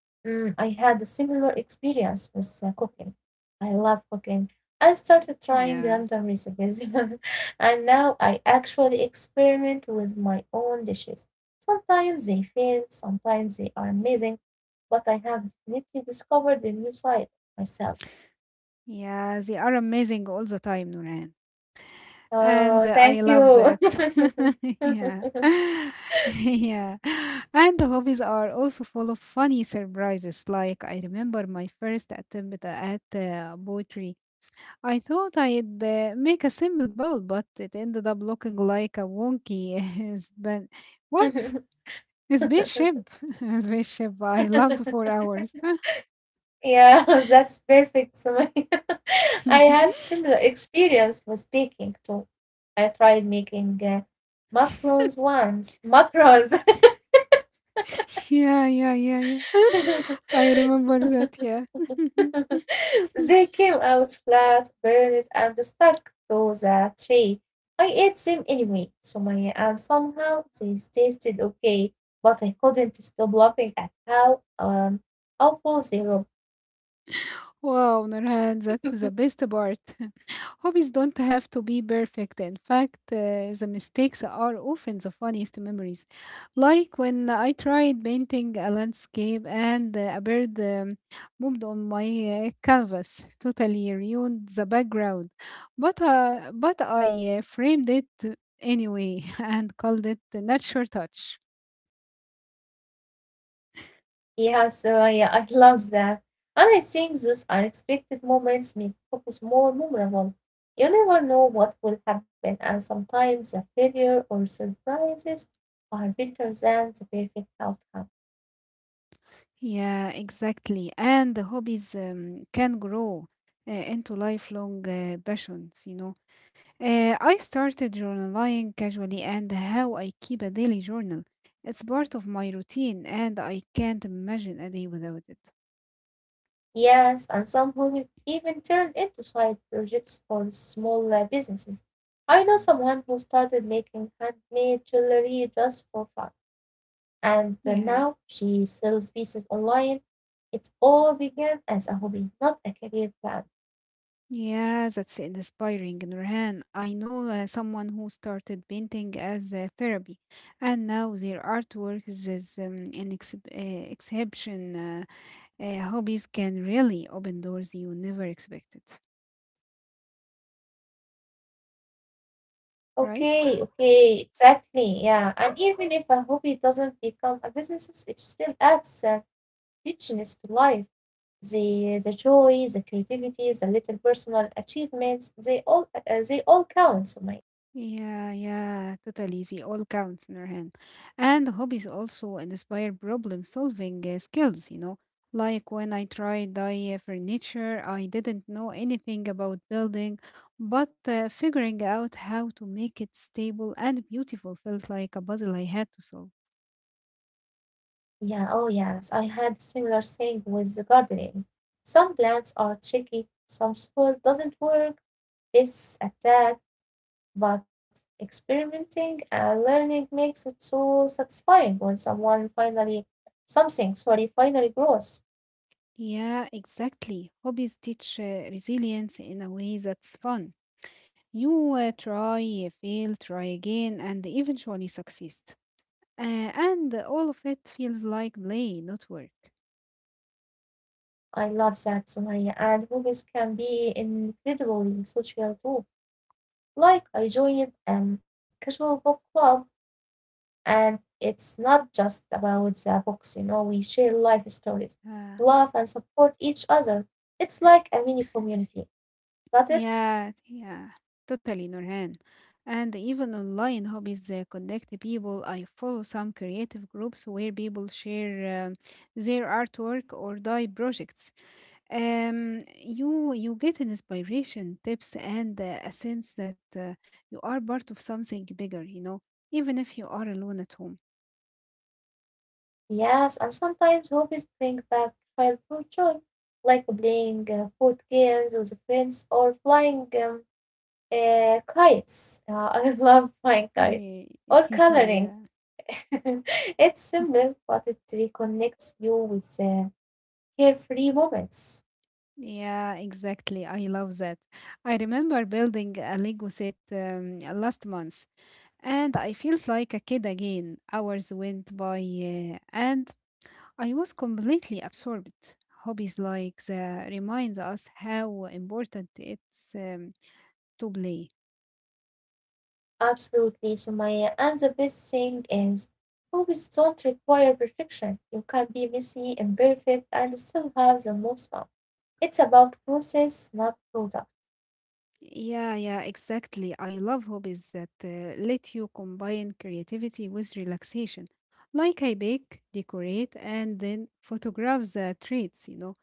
A: Mm, I had a similar experience with cooking. I love cooking. I started trying
B: Yeah,
A: random recipes, (laughs) and now I actually experiment with my own dishes. Sometimes they fail, sometimes they are amazing, but I have definitely discovered a new side of myself.
B: yeah, they are amazing all the time, Nuran. And
A: Oh,
B: I
A: thank
B: love that.
A: you.
B: (laughs) Yeah.
A: (laughs)
B: (laughs) Yeah. And the hobbies are also full of funny surprises. Like, I remember my first attempt at poetry. I thought I'd make a simple bowl, but it ended up looking like a wonky (laughs) span. What? A spaceship?
A: (laughs)
B: (laughs) A spaceship. I loved 4 hours. (laughs)
A: Yeah, (laughs) that's perfect. So (laughs) I had similar experience with baking too. I tried making macarons once. Macarons.
B: Yeah, yeah, yeah, yeah. (laughs)
A: (laughs)
B: I remember that, yeah.
A: (laughs) They
B: (laughs)
A: came out flat, burned, and stuck to the tray. I ate them anyway, Sumaya, and somehow they tasted okay, but I couldn't stop laughing at how awful they looked.
B: Wow, Nurhan, that's the
A: (laughs)
B: best part. (laughs) Hobbies don't have to be perfect. In fact, the mistakes are often the funniest memories. Like when I tried painting a landscape and a bird moved on my canvas, (laughs) totally ruined the background. But I framed it anyway (laughs) and called it the natural touch.
A: Yeah, I love that. And I think those unexpected moments make focus more memorable. You never know what will happen, and sometimes the failure or surprises are better than the perfect outcome.
B: Yeah, exactly. And the hobbies can grow into lifelong passions, you know. I started journaling casually and how I keep a daily journal. It's part of my routine and I can't imagine a day without it.
A: Yes, and some hobbies even turned into side projects for small businesses. I know someone who started making handmade jewelry just for fun, and
B: Yeah,
A: now she sells pieces online. It all began as a hobby, not a career plan.
B: yeah, that's inspiring, Nurhan. I know someone who started painting as a therapy, and now their artwork is an exhibition. Hobbies can really open doors you never expected,
A: Okay,
B: right?
A: okay, exactly. Yeah, and even if a hobby doesn't become a business, it still adds richness to life. The joy, the creativity, the little personal achievements, they all count. So my
B: Yeah, yeah, totally. They all counts, Nurhan. And hobbies also inspire problem solving skills, you know. Like when I tried dye furniture, I didn't know anything about building, but figuring out how to make it stable and beautiful felt like a puzzle I had to solve.
A: yeah, oh yes, I had similar thing with the gardening. Some plants are tricky, some soil doesn't work, pests attack, but experimenting and learning makes it so satisfying when someone finally something, sorry, finally grows.
B: Yeah, exactly. Hobbies teach resilience in a way that's fun. You try, fail, try again, and eventually succeed. Uh, and all of it feels like play, not work.
A: I love that, Sumaya, and hobbies can be incredibly social too. Like I joined a casual book club, and it's not just about the books, you know, we share life stories,
B: Uh,
A: love and support each other. It's like a mini community. Got it?
B: yeah, yeah, totally, Nurhan. And even online hobbies connect people. I follow some creative groups where people share their artwork or die projects. You get an inspiration, tips, and a sense that you are part of something bigger. You know, even if you are alone at home.
A: Yes, and sometimes hobbies bring back childhood joy, like playing board games with friends or flying kites. (laughs) I love flying kites
B: Ye-
A: or
B: (laughs)
A: coloring.
B: yeah,
A: (laughs) It's simple, but it reconnects you with carefree moments.
B: yeah, exactly. I love that. I remember building a Lego set last month, and I felt like a kid again. Hours went by, and I was completely absorbed. Hobbies like the remind us how important it's to play.
A: Absolutely, Sumaya. And the best thing is, hobbies don't require perfection. You can be messy, imperfect, and still have the most fun. It's about process, not product.
B: Yeah, yeah, exactly. I love hobbies that let you combine creativity with relaxation. Like I bake, decorate, and then photograph the treats, you know.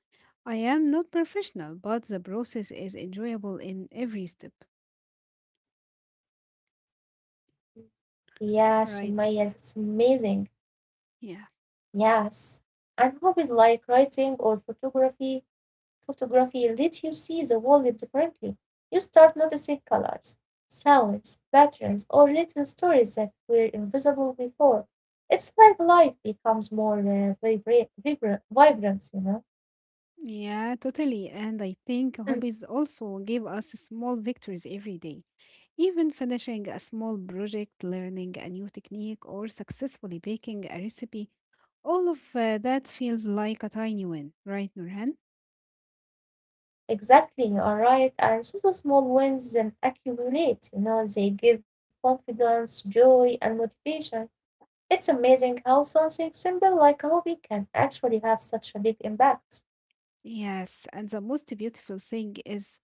B: I am not professional, but the process is enjoyable in every step.
A: Yeah, Sumaya,
B: Right.
A: it's amazing.
B: Yeah.
A: Yes. And hobbies like writing or photography let you see the world differently. You start noticing colors, sounds, patterns, or little stories that were invisible before. It's like life becomes more vibrant, you know?
B: Yeah, totally. And I think
A: Mm,
B: hobbies also give us small victories every day. Even finishing a small project, learning a new technique, or successfully baking a recipe, all of that feels like a tiny win, right, Nurhan?
A: exactly, you are right. And so the small wins then accumulate, you know, they give confidence, joy, and motivation. It's amazing how something simple like a hobby can actually have such a big impact.
B: Yes, and the most beautiful thing is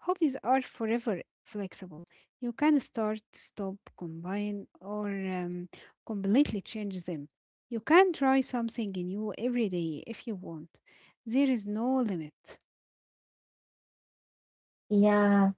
B: hobbies are forever flexible. You can start, stop, combine, or completely change them. You can try something new every day if you want. There is no limit.
A: Yeah,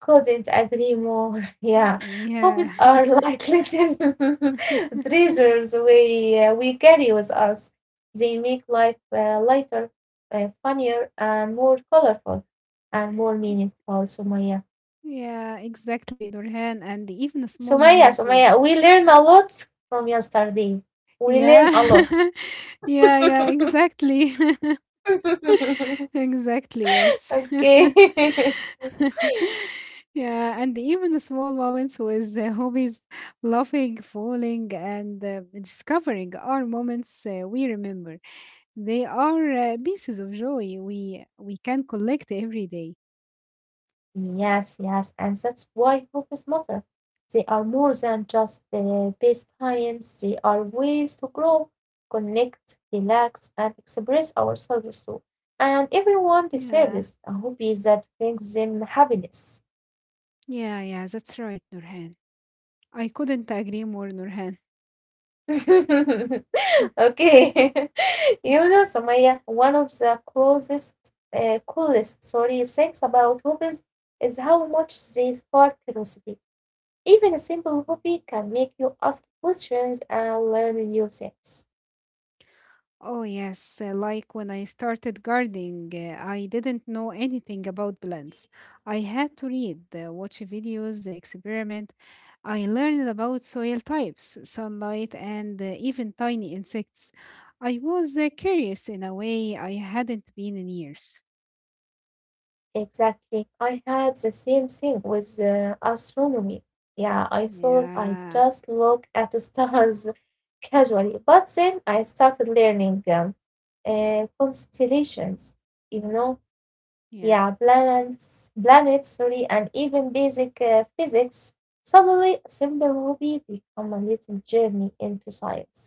A: couldn't agree more. (laughs)
B: Mm.
A: Yeah,
B: Yeah.
A: hobbies are like (laughs) little (laughs)
B: (laughs)
A: treasures we carry with us. They make life lighter, funnier, and more colorful, and more meaningful. Sumaya,
B: Yeah, exactly, Nurhan, and even the small
A: Sumaya,
B: moments with.
A: Sumaya. We learn a lot from yesterday. We learn a
B: Yeah,
A: lot.
B: (laughs) yeah, yeah, exactly, (laughs)
A: (laughs)
B: exactly, yes.
A: Okay. (laughs)
B: (laughs) Yeah, and even the small moments with hobbies, laughing, falling, and discovering are moments we remember. They are pieces of joy we can collect every day.
A: Yes, yes, and that's why hobbies matter. They are more than just the best times, they are ways to grow, connect, relax, and express ourselves too. And everyone
B: Yeah,
A: deserves a hobby that brings them happiness.
B: yeah, yeah, that's right, Nurhan. I couldn't agree more, Nurhan.
A: (laughs) Okay. (laughs) You
B: (laughs)
A: know, Samaya, one of the closest, coolest, sorry, things about hobbies is how much they spark curiosity. Even a simple hobby can make you ask questions and learn new things.
B: Oh, yes. Like when I started gardening, I didn't know anything about plants. I had to read, watch videos, experiment. I learned about soil types, sunlight, and even tiny insects. I was curious in a way I hadn't been in years.
A: Exactly. I had the same thing with astronomy. Yeah, I thought I
B: Yeah,
A: just look at the stars (laughs) casually, but then I started learning constellations, you know,
B: yeah.
A: yeah, planets, planets, sorry, and even basic physics. Suddenly, a simple hobby become a little journey into science.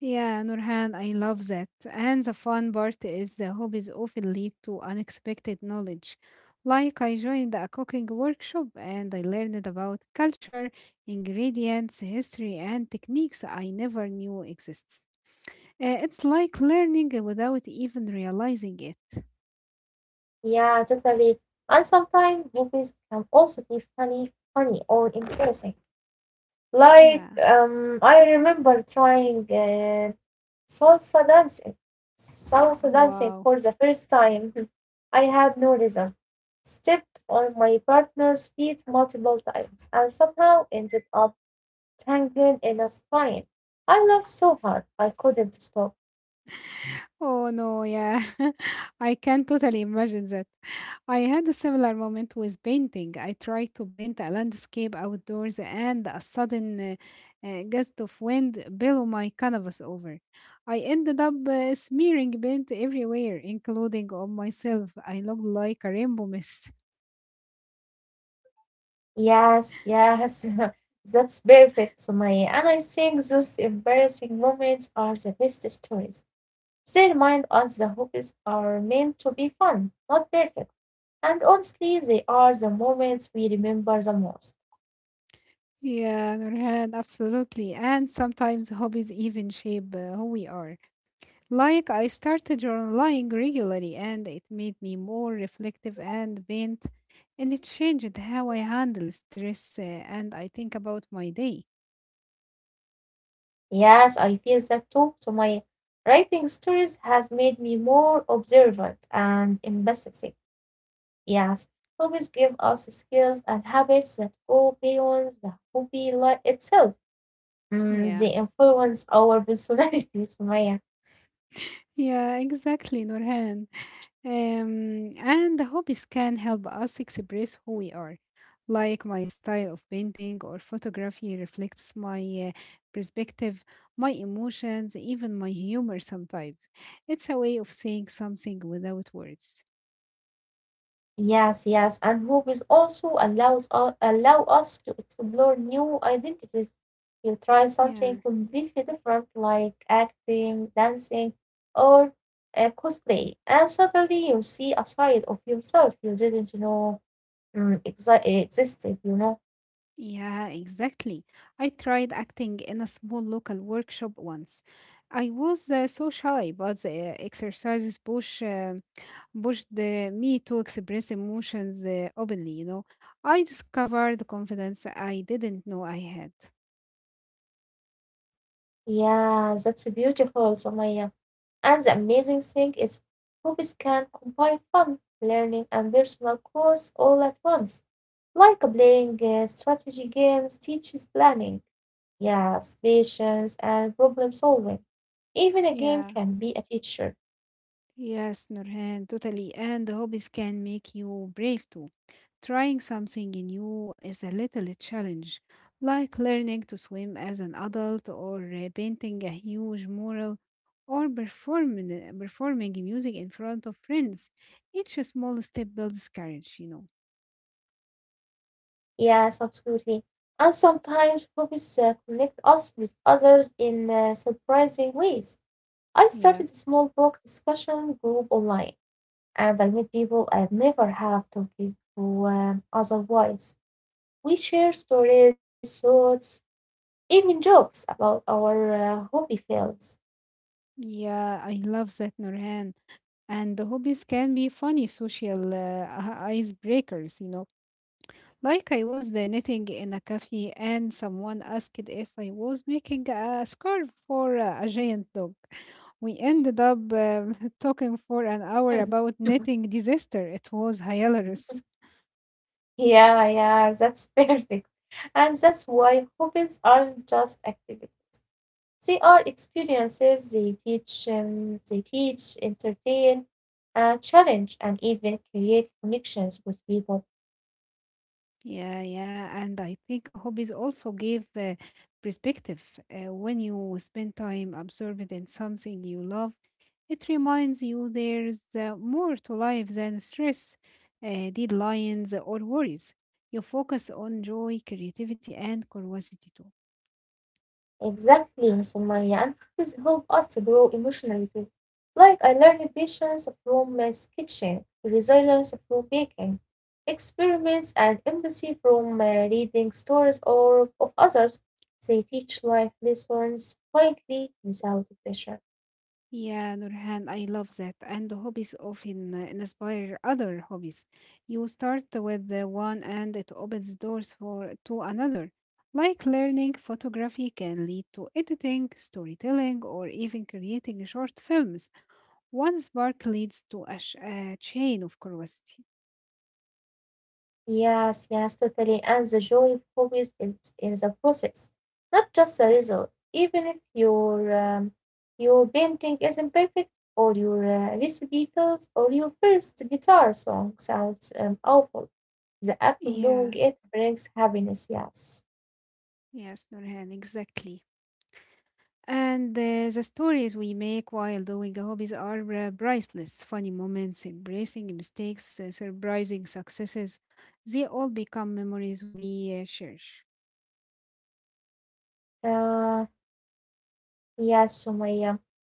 B: Yeah, Nurhan, I love that. And the fun part is the hobbies often lead to unexpected knowledge. Like I joined a cooking workshop and I learned about culture, ingredients, history, and techniques I never knew exists. It's like learning without even realizing it.
A: Yeah, totally. And sometimes movies can also be funny or embarrassing. Like,
B: Yeah.
A: I remember trying salsa dancing, salsa dancing for
B: Wow.
A: the first time. (laughs) I had no rhythm. Stepped on my partner's feet multiple times and somehow ended up tangled in a spine. I laughed so hard I couldn't stop.
B: Oh no, yeah. (laughs) I can totally imagine that. I had a similar moment with painting. I tried to paint a landscape outdoors and a sudden gust of wind blew my canvas over. I ended up smearing paint everywhere, including on myself. I looked like a rainbow mess. (laughs)
A: Yes, yes, (laughs) that's perfect, Sumaya. And I think those embarrassing moments are the best stories. They remind us the hobbies are meant to be fun, not perfect. And honestly, they are the moments we remember the most.
B: Yeah, Nurhan, absolutely. And sometimes hobbies even shape who we are. Like I started journaling regularly and it made me more reflective and bent and it changed how I handle stress and I think about my day.
A: Yes, I feel that too, Sumaya. Writing stories has made me more observant and empathetic. Yes, hobbies give us skills and habits that go beyond the itself. Mm,
B: Yeah.
A: they influence our personality, (laughs) Sumaya.
B: Yeah, exactly, Norhan. And the hobbies can help us express who we are. Like my style of painting or photography reflects my uh, perspective, my emotions, even my humor sometimes. It's a way of saying something without words.
A: Yes, yes, and movies also allow us to explore new identities. You try
B: Yeah.
A: something completely different, like acting, dancing, or cosplay, and suddenly you see a side of yourself you didn't know mm, existed. You know,
B: Yeah, exactly. I tried acting in a small local workshop once. I was so shy, but the exercises pushed me to express emotions openly, you know. I discovered confidence I didn't know I had.
A: yeah, that's beautiful, Sumaya. And the amazing thing is, hobbies can combine fun, learning, and personal growth all at once, like playing strategy games teaches planning, yes, patience, and problem solving. Even a game
B: Yeah.
A: can be a teacher.
B: Yes, Nurhan, totally. And hobbies can make you brave too. Trying something new is a little challenge, like learning to swim as an adult, or painting a huge mural, or performing music in front of friends. Each small step builds courage, you know.
A: Yes, absolutely. And sometimes hobbies connect us with others in surprising ways. I started
B: Yeah,
A: a small book discussion group online, and I met people I'd never have talked to otherwise. We share stories, thoughts, even jokes about our hobby fields.
B: yeah, I love that, Nurhan. And the hobbies can be funny social (laughs) icebreakers, you know. Like I was the knitting in a cafe and someone asked if I was making a scarf for a giant dog. We ended up (laughs) talking for an hour
A: Hmm.
B: about
A: (laughs)
B: knitting disaster. It was hilarious.
A: Yeah, yeah, that's perfect. And that's why hobbies aren't just activities. They are experiences. They teach, entertain, challenge, and even create connections with people.
B: Yeah, yeah. And I think hobbies also give perspective. When you spend time absorbed in something you love, it reminds you there's more to life than stress, deadlines, or worries. You focus on joy, creativity, and curiosity too.
A: Exactly, Sumaya, and movies help us to grow emotionally too. Like I learned patience from my sketching, resilience from baking, experiments and empathy from reading stories or of others. They teach life lessons quietly without pressure.
B: Yeah, Nurhan, I love that. And hobbies often inspire other hobbies. You start with the one and it opens doors for to another. Like learning photography can lead to editing, storytelling, or even creating short films. One spark leads to a, a chain of curiosity.
A: Yes, yes, totally. And the joy of hobbies is in the process, not just the result. Even if your your painting isn't perfect, or your recipe fails, or your first guitar song sounds awful, the act of doing
B: Yeah,
A: it brings happiness. Yes.
B: yes, Nurhan, exactly. And the stories we make while doing hobbies are priceless. Funny moments, embracing mistakes, surprising successes. They all become memories we cherish.
A: Uh, yes, Sumaya.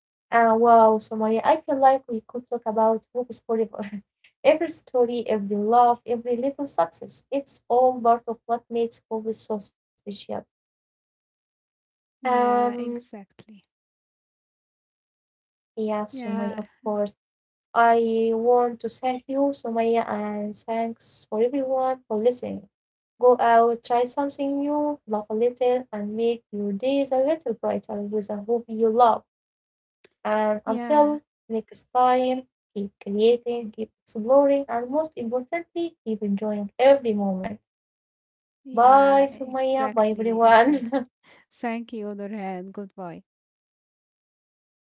A: Ah, wow, Sumaya, I feel like we could talk about books forever. (laughs) Every story, every love, every little success, it's all part of what makes movies so special. Um,
B: Yeah, exactly.
A: yeah, Sumaya, of
B: Yeah,
A: course. I want to thank you, Sumaya, and thanks for everyone for listening. Go out, try something new, laugh a little, and make your days a little brighter with a hobby you love. And
B: yeah,
A: until next time, keep creating, keep exploring, and most importantly, keep enjoying every moment. Bye,
B: yeah,
A: Sumaya. Bye,
B: exactly, exactly.
A: everyone. (laughs)
B: Thank you, Dorhan. Goodbye.